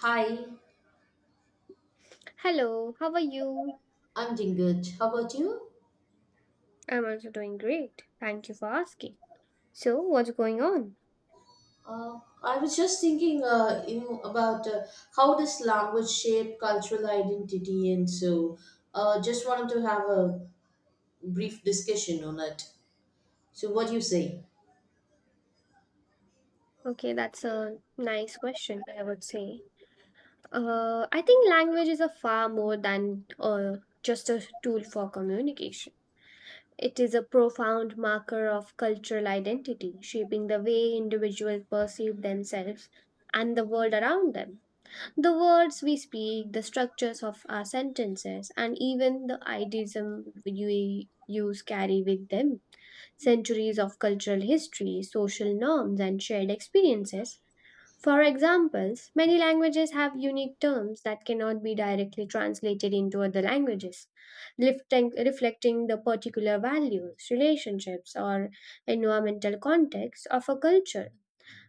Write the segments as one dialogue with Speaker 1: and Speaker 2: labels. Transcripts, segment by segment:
Speaker 1: Hi,
Speaker 2: Hello, how are you?
Speaker 1: I'm doing good. How about you?
Speaker 2: I'm also doing great. Thank you for asking. So, what's going on?
Speaker 1: I was just thinking, you know, about how does language shape cultural identity, and so just wanted to have a brief discussion on it. So, what do you say?
Speaker 2: Okay, that's a nice question, I would say. I think language is a far more than just a tool for communication. It is a profound marker of cultural identity, shaping the way individuals perceive themselves and the world around them. The words we speak, the structures of our sentences, and even the idealism we use carry with them centuries of cultural history, social norms, and shared experiences. For examples, many languages have unique terms that cannot be directly translated into other languages, lifting, reflecting the particular values, relationships, or environmental context of a culture.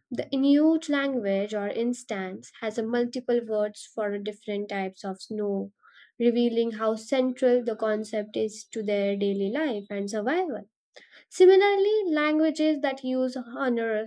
Speaker 2: The Inuit language, or instance, has a multiple words for different types of snow, revealing how central the concept is to their daily life and survival. Similarly, languages that use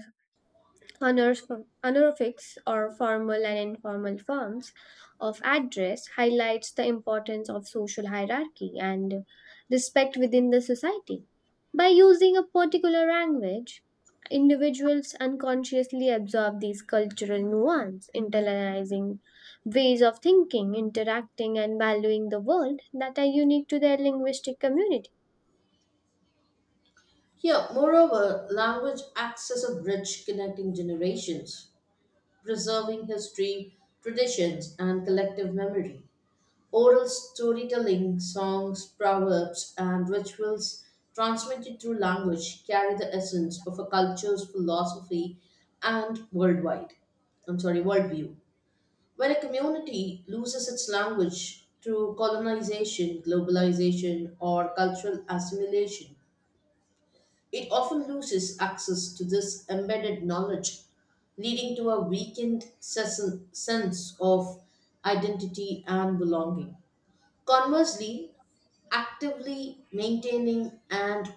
Speaker 2: Honor- honorifics or formal and informal forms of address highlights the importance of social hierarchy and respect within the society. By using a particular language, individuals unconsciously absorb these cultural nuance, internalizing ways of thinking, interacting, and valuing the world that are unique to their linguistic community.
Speaker 1: Yeah. Moreover, language acts as a bridge connecting generations, preserving history, traditions, and collective memory. Oral storytelling, songs, proverbs, and rituals transmitted through language carry the essence of a culture's philosophy and worldwide. I'm sorry, worldview. When a community loses its language through colonization, globalization, or cultural assimilation, it often loses access to this embedded knowledge, leading to a weakened sense of identity and belonging. Conversely, actively maintaining and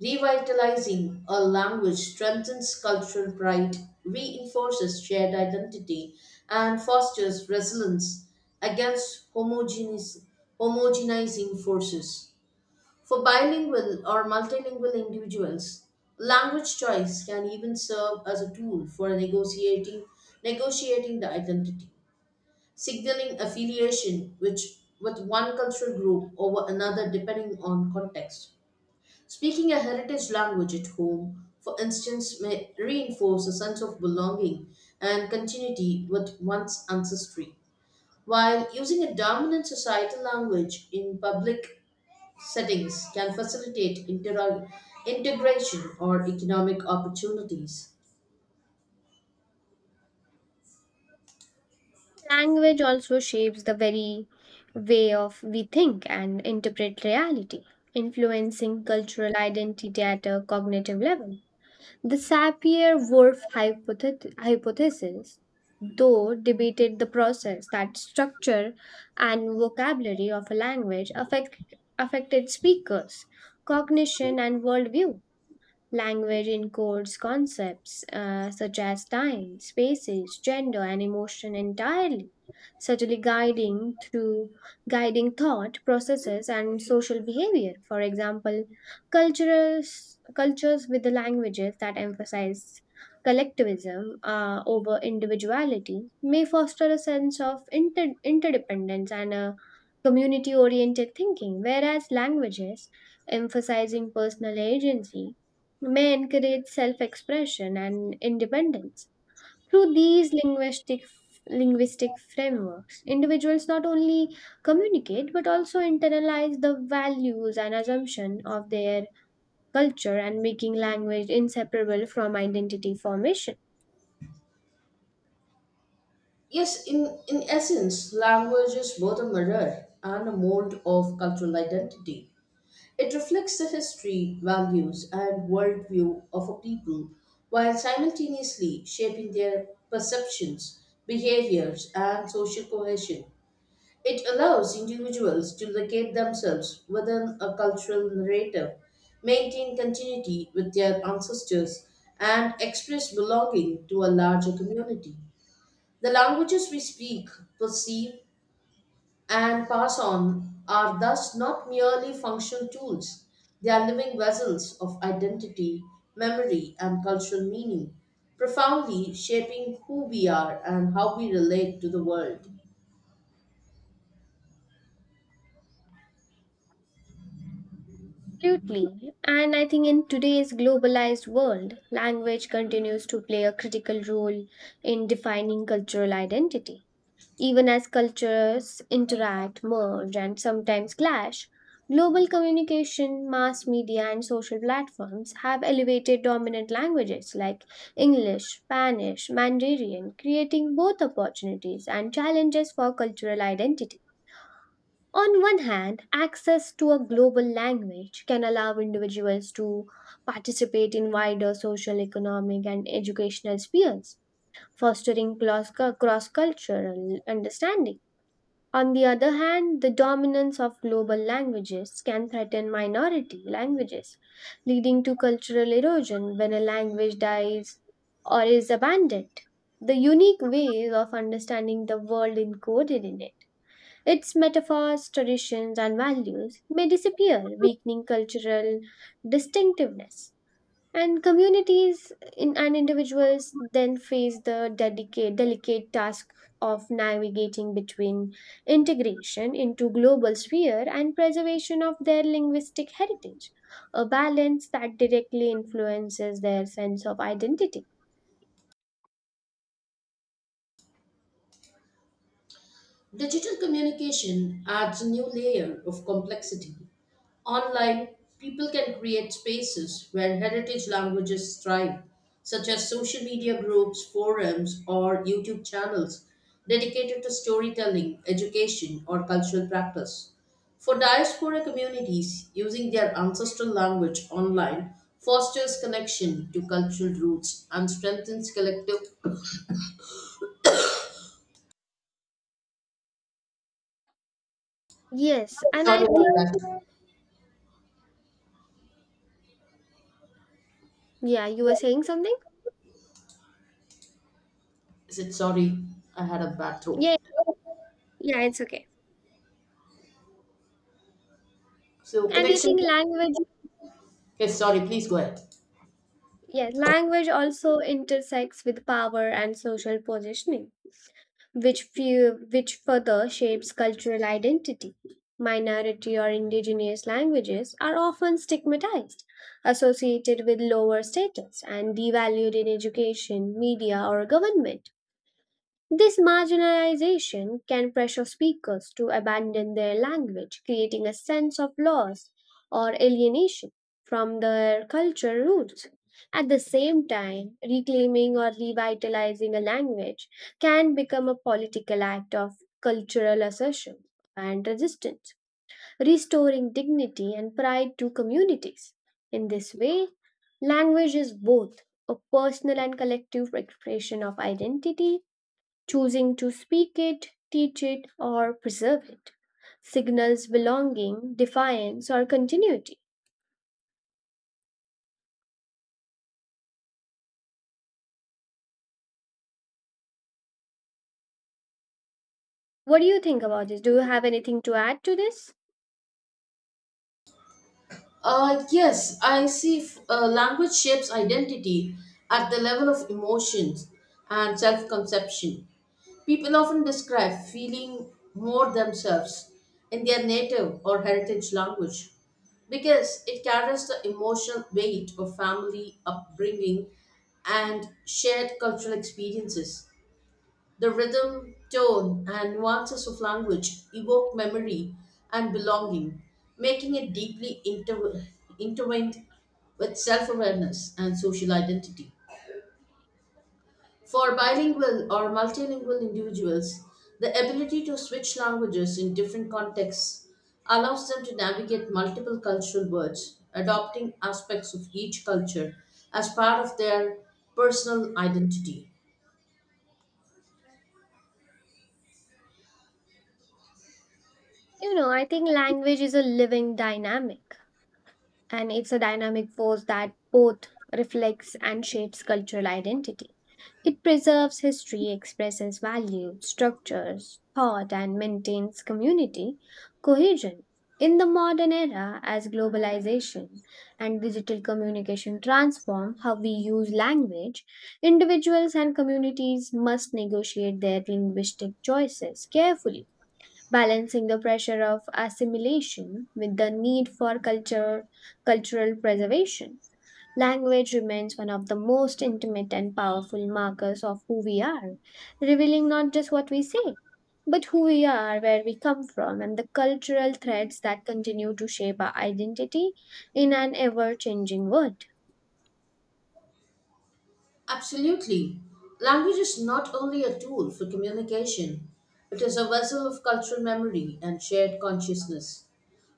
Speaker 1: revitalizing a language strengthens cultural pride, reinforces shared identity, and fosters resilience against homogenizing forces. For bilingual or multilingual individuals, language choice can even serve as a tool for negotiating the identity signaling affiliation with one cultural group over another depending on context. Speaking a heritage language at home, for instance, may reinforce a sense of belonging and continuity with one's ancestry, while using a dominant societal language in public settings can facilitate integration or economic opportunities.
Speaker 2: Language also shapes the very way of we think and interpret reality, influencing cultural identity at a cognitive level. The Sapir-Whorf hypothesis, though debated the process that structure and vocabulary of a language affected speakers, cognition, and worldview. Language encodes concepts such as time, spaces, gender, and emotion entirely, subtly guiding thought processes and social behavior. For example, cultures with the languages that emphasize collectivism over individuality may foster a sense of interdependence and a community oriented thinking, whereas languages emphasizing personal agency may encourage self-expression and independence through these linguistic frameworks. Individuals not only communicate but also internalize the values and assumption of their culture, and making language inseparable from identity formation.
Speaker 1: Yes, in essence, language is both a mirror and a mold of cultural identity. It reflects the history, values, and worldview of a people while simultaneously shaping their perceptions, behaviors, and social cohesion. It allows individuals to locate themselves within a cultural narrative, maintain continuity with their ancestors, and express belonging to a larger community. The languages we speak, perceive, and pass on are thus not merely functional tools. They are living vessels of identity, memory, and cultural meaning, profoundly shaping who we are and how we relate to the world.
Speaker 2: Absolutely. And I think in today's globalized world, language continues to play a critical role in defining cultural identity. Even as cultures interact, merge, and sometimes clash, global communication, mass media, and social platforms have elevated dominant languages like English, Spanish, Mandarin, creating both opportunities and challenges for cultural identity. On one hand, access to a global language can allow individuals to participate in wider social, economic, and educational spheres, fostering cross cultural understanding. On the other hand, the dominance of global languages can threaten minority languages, leading to cultural erosion. When a language dies or is abandoned, the unique ways of understanding the world encoded in it, its metaphors, traditions, and values may disappear, weakening cultural distinctiveness. And and individuals then face the delicate, delicate task of navigating between integration into global sphere and preservation of their linguistic heritage, a balance that directly influences their sense of identity.
Speaker 1: Digital communication adds a new layer of complexity. Online, people can create spaces where heritage languages thrive, such as social media groups, forums, or YouTube channels dedicated to storytelling, education, or cultural practice. For diaspora communities, using their ancestral language online fosters connection to cultural roots and strengthens collective.
Speaker 2: Yes, and
Speaker 1: Sorry
Speaker 2: I
Speaker 1: about
Speaker 2: think,
Speaker 1: that.
Speaker 2: yeah, you were saying something?
Speaker 1: Is it sorry? I had a bad throat.
Speaker 2: Yeah, yeah, it's okay.
Speaker 1: So
Speaker 2: And I
Speaker 1: connection.
Speaker 2: think language,
Speaker 1: Yes, sorry. Please go ahead.
Speaker 2: yeah, language also intersects with power and social positioning, which further shapes cultural identity. Minority or indigenous languages are often stigmatized, associated with lower status, and devalued in education, media, or government. This marginalization can pressure speakers to abandon their language, creating a sense of loss or alienation from their cultural roots. At the same time, reclaiming or revitalizing a language can become a political act of cultural assertion and resistance, restoring dignity and pride to communities. In this way, language is both a personal and collective expression of identity. Choosing to speak it, teach it, or preserve it signals belonging, defiance, or continuity. What do you think about this? Do you have anything to add to this?
Speaker 1: Yes, I see language shapes identity at the level of emotions and self conception. People often describe feeling more themselves in their native or heritage language because it carries the emotional weight of family upbringing and shared cultural experiences. The rhythm, tone, and nuances of language evoke memory and belonging, making it deeply intertwined with self awareness and social identity. For bilingual or multilingual individuals, the ability to switch languages in different contexts allows them to navigate multiple cultural worlds, adopting aspects of each culture as part of their personal identity.
Speaker 2: I think language is a living dynamic, and it's a dynamic force that both reflects and shapes cultural identity. It preserves history, expresses values, structures, thought, and maintains community cohesion. In the modern era, as globalization and digital communication transform how we use language, individuals and communities must negotiate their linguistic choices carefully, balancing the pressure of assimilation with the need for cultural preservation. Language remains one of the most intimate and powerful markers of who we are, revealing not just what we say, but who we are, where we come from, and the cultural threads that continue to shape our identity in an ever changing world.
Speaker 1: Absolutely. Language is not only a tool for communication, it is a vessel of cultural memory and shared consciousness.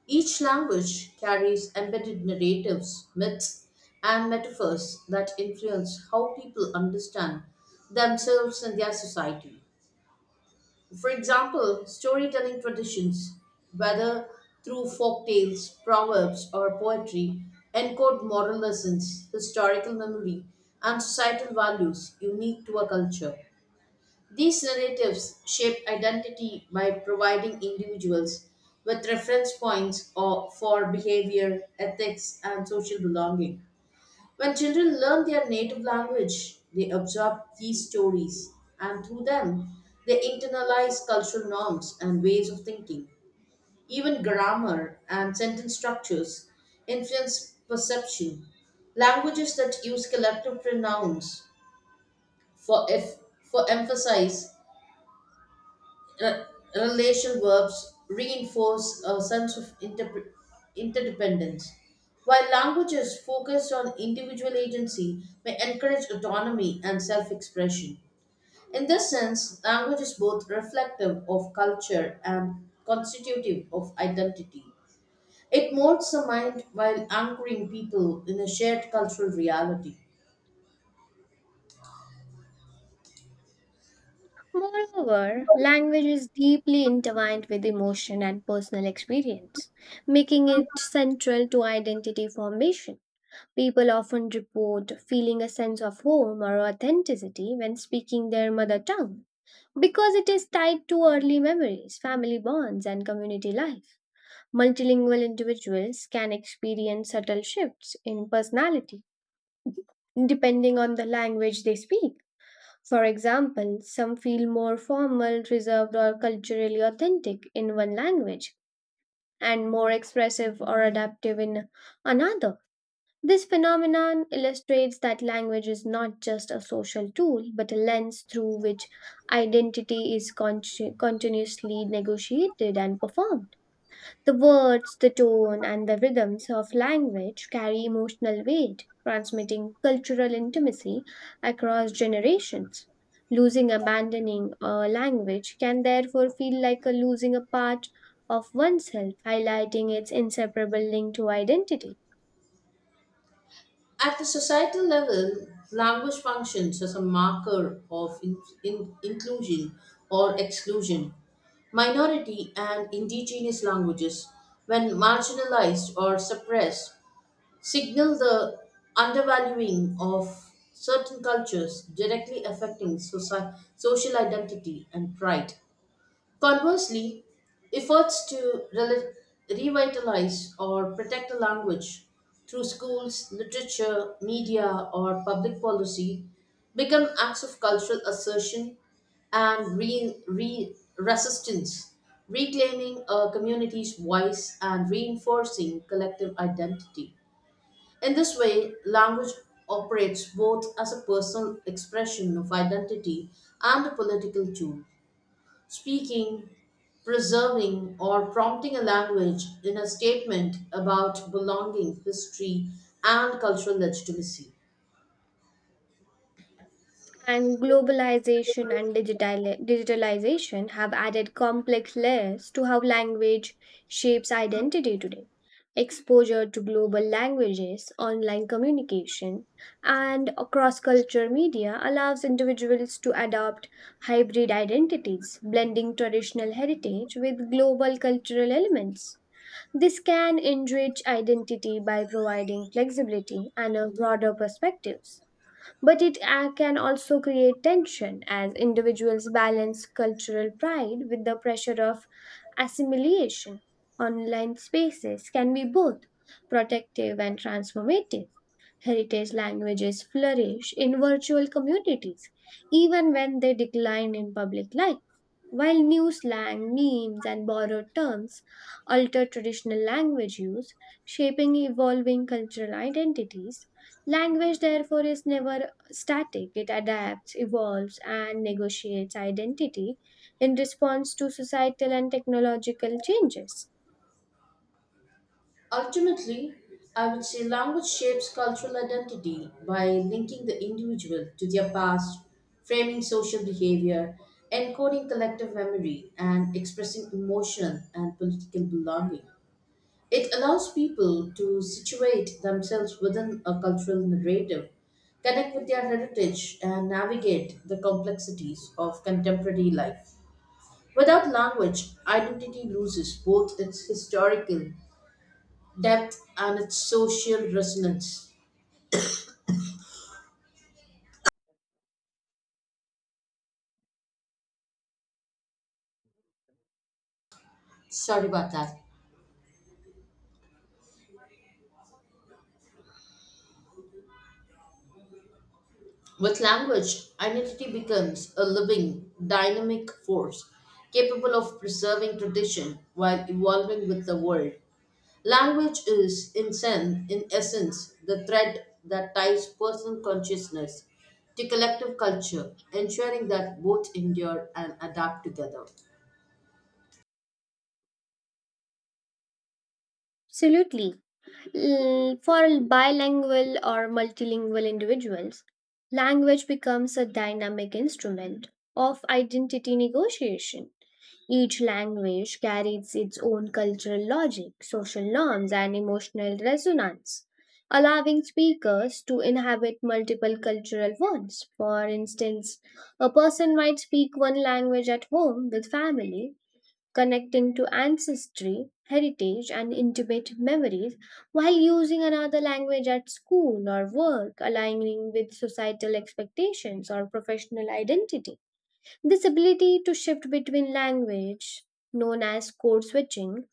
Speaker 1: Each language carries embedded narratives, myths, and metaphors that influence how people understand themselves and their society. For example, storytelling traditions, whether through folk tales, proverbs, or poetry, encode moral lessons, historical memory, and societal values unique to a culture. These narratives shape identity by providing individuals with reference points or for behavior, ethics, and social belonging. When children learn their native language, they absorb these stories, and through them, they internalize cultural norms and ways of thinking. Even grammar and sentence structures influence perception. Languages that use collective pronouns for, if, for emphasis Re- relational verbs reinforce a sense of interdependence. While languages focused on individual agency may encourage autonomy and self expression. In this sense, language is both reflective of culture and constitutive of identity. It molds the mind while anchoring people in a shared cultural reality.
Speaker 2: Moreover, language is deeply intertwined with emotion and personal experience, making it central to identity formation. People often report feeling a sense of home or authenticity when speaking their mother tongue, because it is tied to early memories, family bonds, and community life. Multilingual individuals can experience subtle shifts in personality depending on the language they speak. For example, some feel more formal, reserved, or culturally authentic in one language and more expressive or adaptive in another. This phenomenon illustrates that language is not just a social tool, but a lens through which identity is continuously negotiated and performed. The words, the tone, and the rhythms of language carry emotional weight, transmitting cultural intimacy across generations. Losing, abandoning a language can therefore feel like a losing a part of oneself, highlighting its inseparable link to identity.
Speaker 1: At the societal level, language functions as a marker of inclusion or exclusion. Minority and indigenous languages, when marginalized or suppressed, signal the undervaluing of certain cultures, directly affecting social identity and pride. Conversely, efforts to revitalize or protect a language through schools, literature, media, or public policy become acts of cultural assertion and resistance, reclaiming a community's voice and reinforcing collective identity. In this way, language operates both as a personal expression of identity and a political tool. Speaking, preserving, or prompting a language in a statement about belonging, history, and cultural legitimacy.
Speaker 2: And globalization and digitalization have added complex layers to how language shapes identity today. Exposure to global languages, online communication, and cross cultural media allows individuals to adopt hybrid identities, blending traditional heritage with global cultural elements. This can enrich identity by providing flexibility and a broader perspectives, but it can also create tension as individuals balance cultural pride with the pressure of assimilation. Online spaces can be both protective and transformative. Heritage languages flourish in virtual communities, even when they decline in public life. While new slang, memes, and borrowed terms alter traditional language use, shaping evolving cultural identities, language therefore is never static. It adapts, evolves, and negotiates identity in response to societal and technological changes.
Speaker 1: Ultimately, I would say language shapes cultural identity by linking the individual to their past, framing social behavior, encoding collective memory, and expressing emotional and political belonging. It allows people to situate themselves within a cultural narrative, connect with their heritage, and navigate the complexities of contemporary life. Without language, identity loses both its historical depth and its social resonance. Sorry about that. With language, identity becomes a living, dynamic force capable of preserving tradition while evolving with the world. Language is, in essence, the thread that ties personal consciousness to collective culture, ensuring that both endure and adapt together.
Speaker 2: Absolutely. For bilingual or multilingual individuals, language becomes a dynamic instrument of identity negotiation. Each language carries its own cultural logic, social norms, and emotional resonance, allowing speakers to inhabit multiple cultural ones. For instance, a person might speak one language at home with family, connecting to ancestry, heritage, and intimate memories, while using another language at school or work, aligning with societal expectations or professional identity. This ability to shift between language, known as code switching,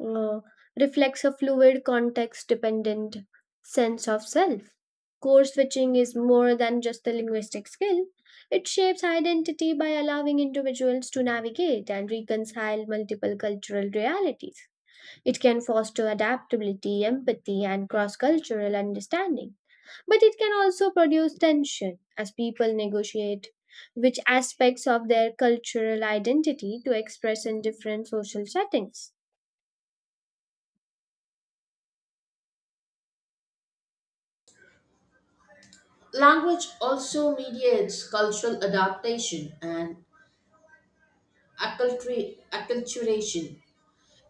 Speaker 2: uh, reflects a fluid context dependent sense of self. Code switching is more than just a linguistic skill, it shapes identity by allowing individuals to navigate and reconcile multiple cultural realities. It can foster adaptability, empathy, and cross cultural understanding. But it can also produce tension as people negotiate which aspects of their cultural identity to express in different social settings.
Speaker 1: Language also mediates cultural adaptation and acculturation,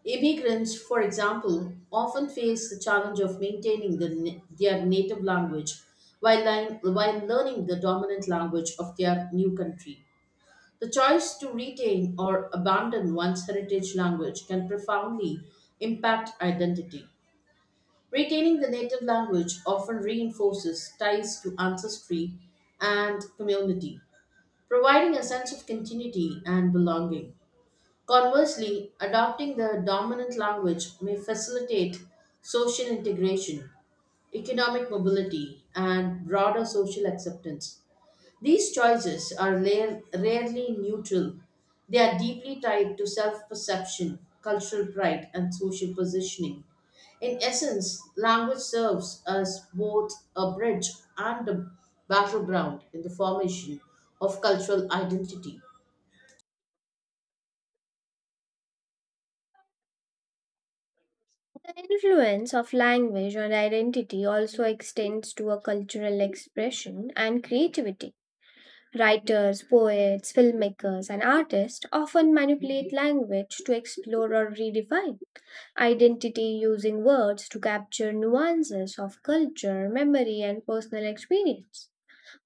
Speaker 1: Immigrants, for example, often face the challenge of maintaining their native language while learning the dominant language of their new country. The choice to retain or abandon one's heritage language can profoundly impact identity. Retaining the native language often reinforces ties to ancestry and community, providing a sense of continuity and belonging. Conversely, adopting the dominant language may facilitate social integration, economic mobility, and broader social acceptance. These choices are rarely neutral. They are deeply tied to self perception, cultural pride, and social positioning. In essence, language serves as both a bridge and a battleground in the formation of cultural identity.
Speaker 2: The influence of language on identity also extends to a cultural expression and creativity. Writers, poets, filmmakers, and artists often manipulate language to explore or redefine identity, using words to capture nuances of culture, memory, and personal experience.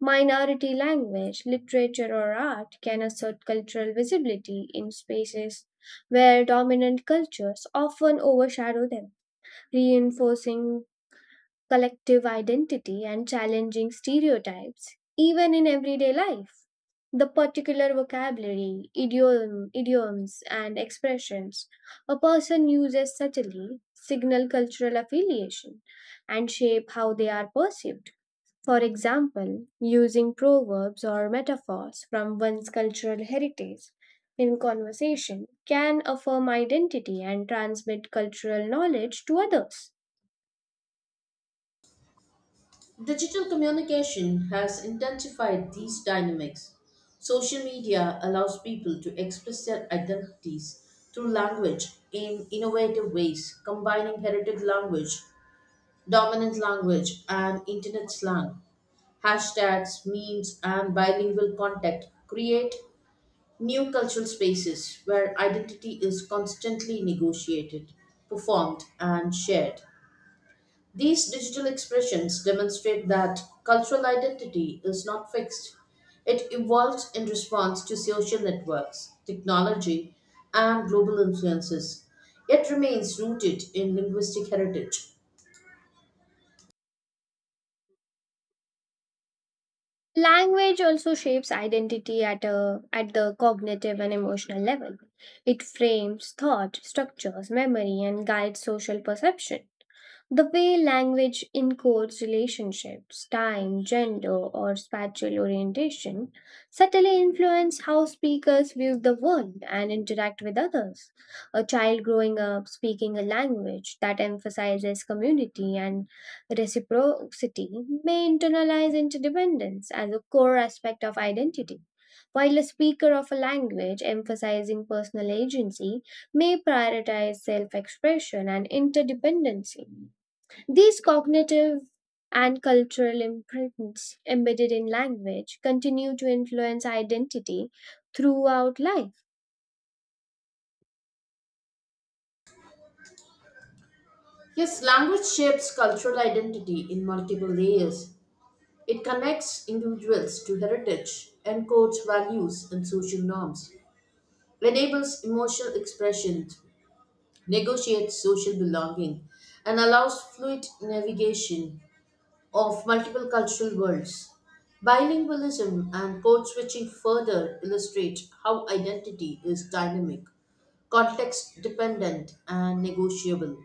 Speaker 2: Minority language, literature, or art can assert cultural visibility in spaces where dominant cultures often overshadow them, reinforcing collective identity and challenging stereotypes, even in everyday life. The particular vocabulary, idioms, and expressions a person uses subtly signal cultural affiliation and shape how they are perceived. For example, using proverbs or metaphors from one's cultural heritage in conversation can affirm identity and transmit cultural knowledge to others.
Speaker 1: Digital communication has intensified these dynamics. Social media allows people to express their identities through language in innovative ways, combining heritage language, dominant language, and internet slang. Hashtags, memes, and bilingual content create new cultural spaces where identity is constantly negotiated, performed, and shared. These digital expressions demonstrate that cultural identity is not fixed. It evolves in response to social networks, technology, and global influences, yet remains rooted in linguistic heritage.
Speaker 2: Language also shapes identity at the cognitive and emotional level. It frames thought, structures memory, and guides social perception. The way language encodes relationships, time, gender, or spatial orientation subtly influence how speakers view the world and interact with others. A child growing up speaking a language that emphasizes community and reciprocity may internalize interdependence as a core aspect of identity, while a speaker of a language emphasizing personal agency may prioritize self expression and interdependency. These cognitive and cultural imprints embedded in language continue to influence identity throughout life.
Speaker 1: Yes, language shapes cultural identity in multiple layers. It connects individuals to heritage, encodes values and social norms, enables emotional expression negotiates social belonging, and allows fluid navigation of multiple cultural worlds. Bilingualism and code switching further illustrate how identity is dynamic, context dependent, and negotiable.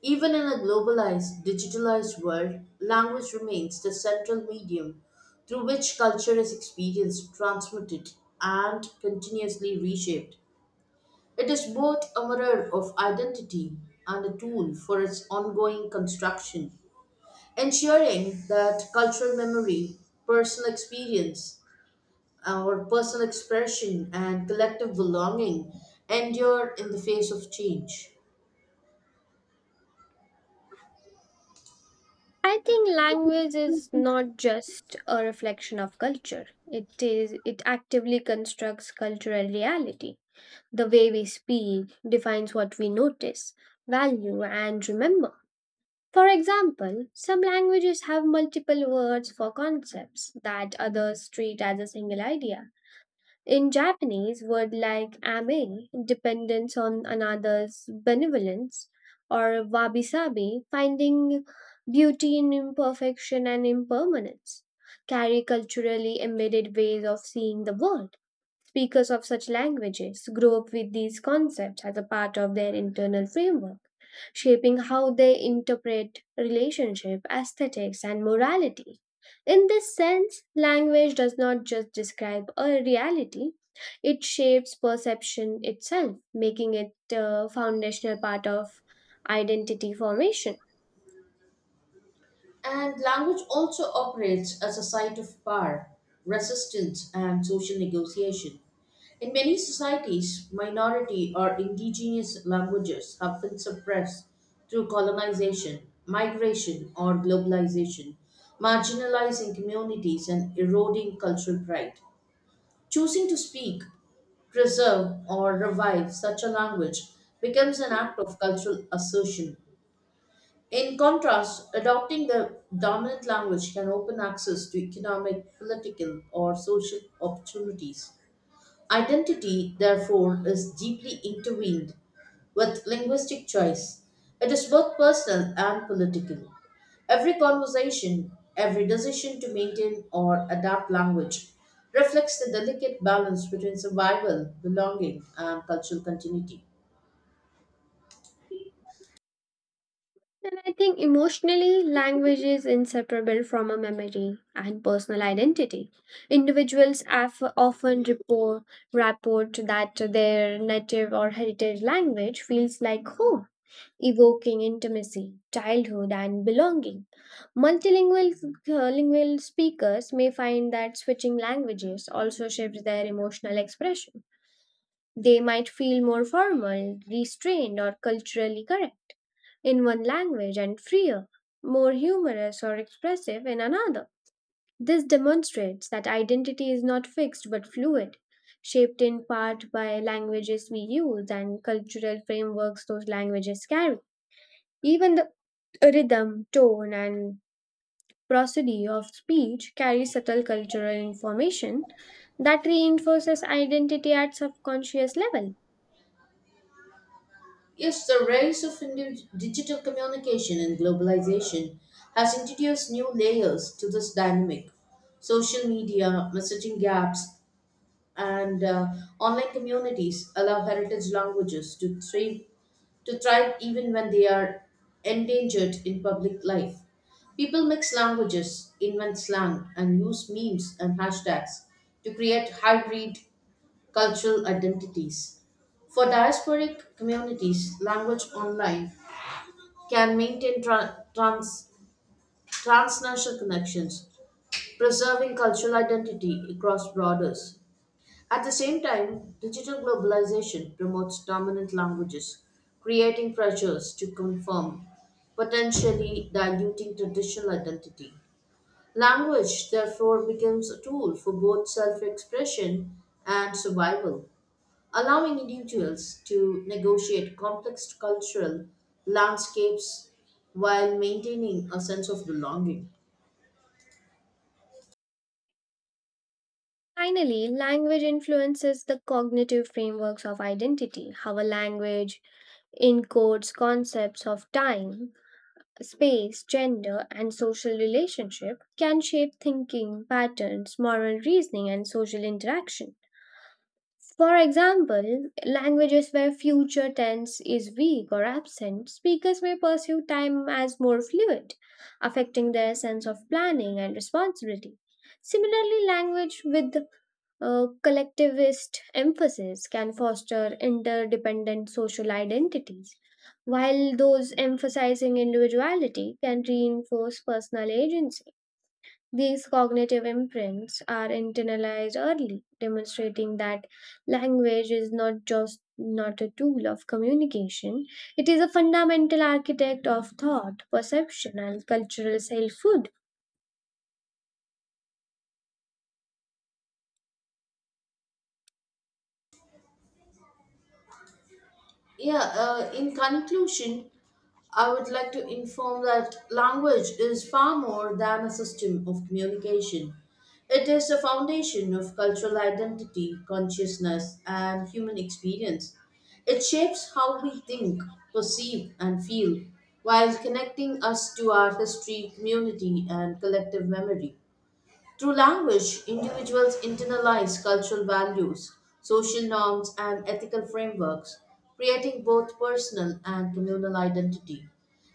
Speaker 1: Even in a globalized, digitalized world, language remains the central medium through which culture is experienced, transmitted, and continuously reshaped. It is both a mirror of identity and a tool for its ongoing construction, ensuring that cultural memory, personal experience, our personal expression, and collective belonging endure in the face of change.
Speaker 2: I think language is not just a reflection of culture. It actively constructs cultural reality. The way we speak defines what we notice, value and remember. For example, some languages have multiple words for concepts that others treat as a single idea. In Japanese, word like ame, dependence on another's benevolence, or wabi-sabi, finding beauty in imperfection and impermanence, carry culturally embedded ways of seeing the world. Speakers of such languages grow up with these concepts as a part of their internal framework, shaping how they interpret relationship, aesthetics, and morality. In this sense, language does not just describe a reality, it shapes perception itself, making it a foundational part of identity formation.
Speaker 1: And language also operates as a site of power, resistance, and social negotiation. In many societies, minority or indigenous languages have been suppressed through colonization, migration, or globalization, marginalizing communities and eroding cultural pride. Choosing to speak, preserve, or revive such a language becomes an act of cultural assertion in contrast, adopting the dominant language can open access to economic, political, or social opportunities. Identity, therefore, is deeply intertwined with linguistic choice. It is both personal and political. Every conversation, every decision to maintain or adapt language reflects the delicate balance between survival, belonging, and cultural continuity.
Speaker 2: And I think emotionally, language is inseparable from a memory and personal identity. Individuals often report that their native or heritage language feels like home, evoking intimacy, childhood, and belonging. Multilingual lingual speakers may find that switching languages also shapes their emotional expression. They might feel more formal, restrained, or culturally correct in one language and freer, more humorous, or expressive in another. This demonstrates that identity is not fixed but fluid, shaped in part by languages we use and cultural frameworks those languages carry. Even the a rhythm, tone, and prosody of speech carry subtle cultural information that reinforces identity at subconscious level.
Speaker 1: Yes, the rise of digital communication and globalization has introduced new layers to this dynamic. Social media, messaging gaps, and online communities allow heritage languages to thrive even when they are endangered in public life. People mix languages, invent slang, and use memes and hashtags to create hybrid cultural identities. For diasporic communities, language online can maintain transnational connections, preserving cultural identity across borders. At the same time, digital globalization promotes dominant languages, creating pressures to conform, potentially diluting traditional identity. Language, therefore, becomes a tool for both self expression and survival. Allowing individuals to negotiate complex cultural landscapes while maintaining a sense of belonging.
Speaker 2: Finally, language influences the cognitive frameworks of identity. How a language encodes concepts of time, space, gender, and social relationship can shape thinking, patterns, moral reasoning, and social interaction. For example, languages where future tense is weak or absent, speakers may perceive time as more fluid, affecting their sense of planning and responsibility. Similarly, language with collectivist emphasis can foster interdependent social identities, while those emphasizing individuality can reinforce personal agency. These cognitive imprints are internalized early, demonstrating that language is not just not a tool of communication, it is a fundamental architect of thought, perception, and cultural selfhood.
Speaker 1: Yeah, in conclusion, I would like to inform that language is far more than a system of communication. It is the foundation of cultural identity, consciousness, and human experience. It shapes how we think, perceive, and feel, while connecting us to our history, community, and collective memory. Through language, individuals internalize cultural values, social norms, and ethical frameworks, creating both personal and communal identity.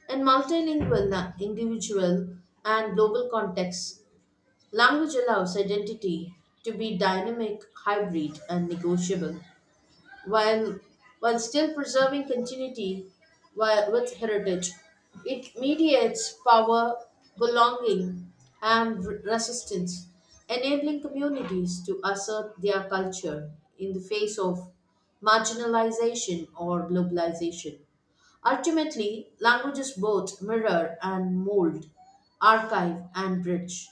Speaker 1: In individual, and global contexts, language allows identity to be dynamic, hybrid, and negotiable while while still preserving continuity with heritage. It mediates power, belonging, and resistance, enabling communities to assert their culture in the face of marginalization or globalization. Ultimately, languages both mirror and mold, archive and bridge.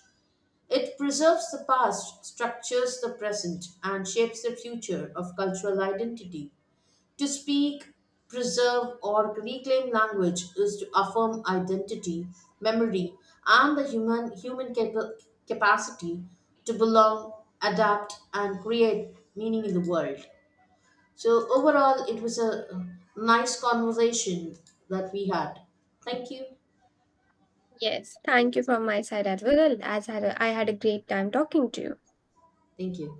Speaker 1: It preserves the past, structures the present, and shapes the future of cultural identity. To speak, preserve, or reclaim language is to affirm identity, memory, and the capacity to belong, adapt, and create meaning in the world. So, overall, it was a nice conversation that we had. Thank you.
Speaker 2: Yes, thank you from my side as well, I had a great time talking to you.
Speaker 1: Thank you.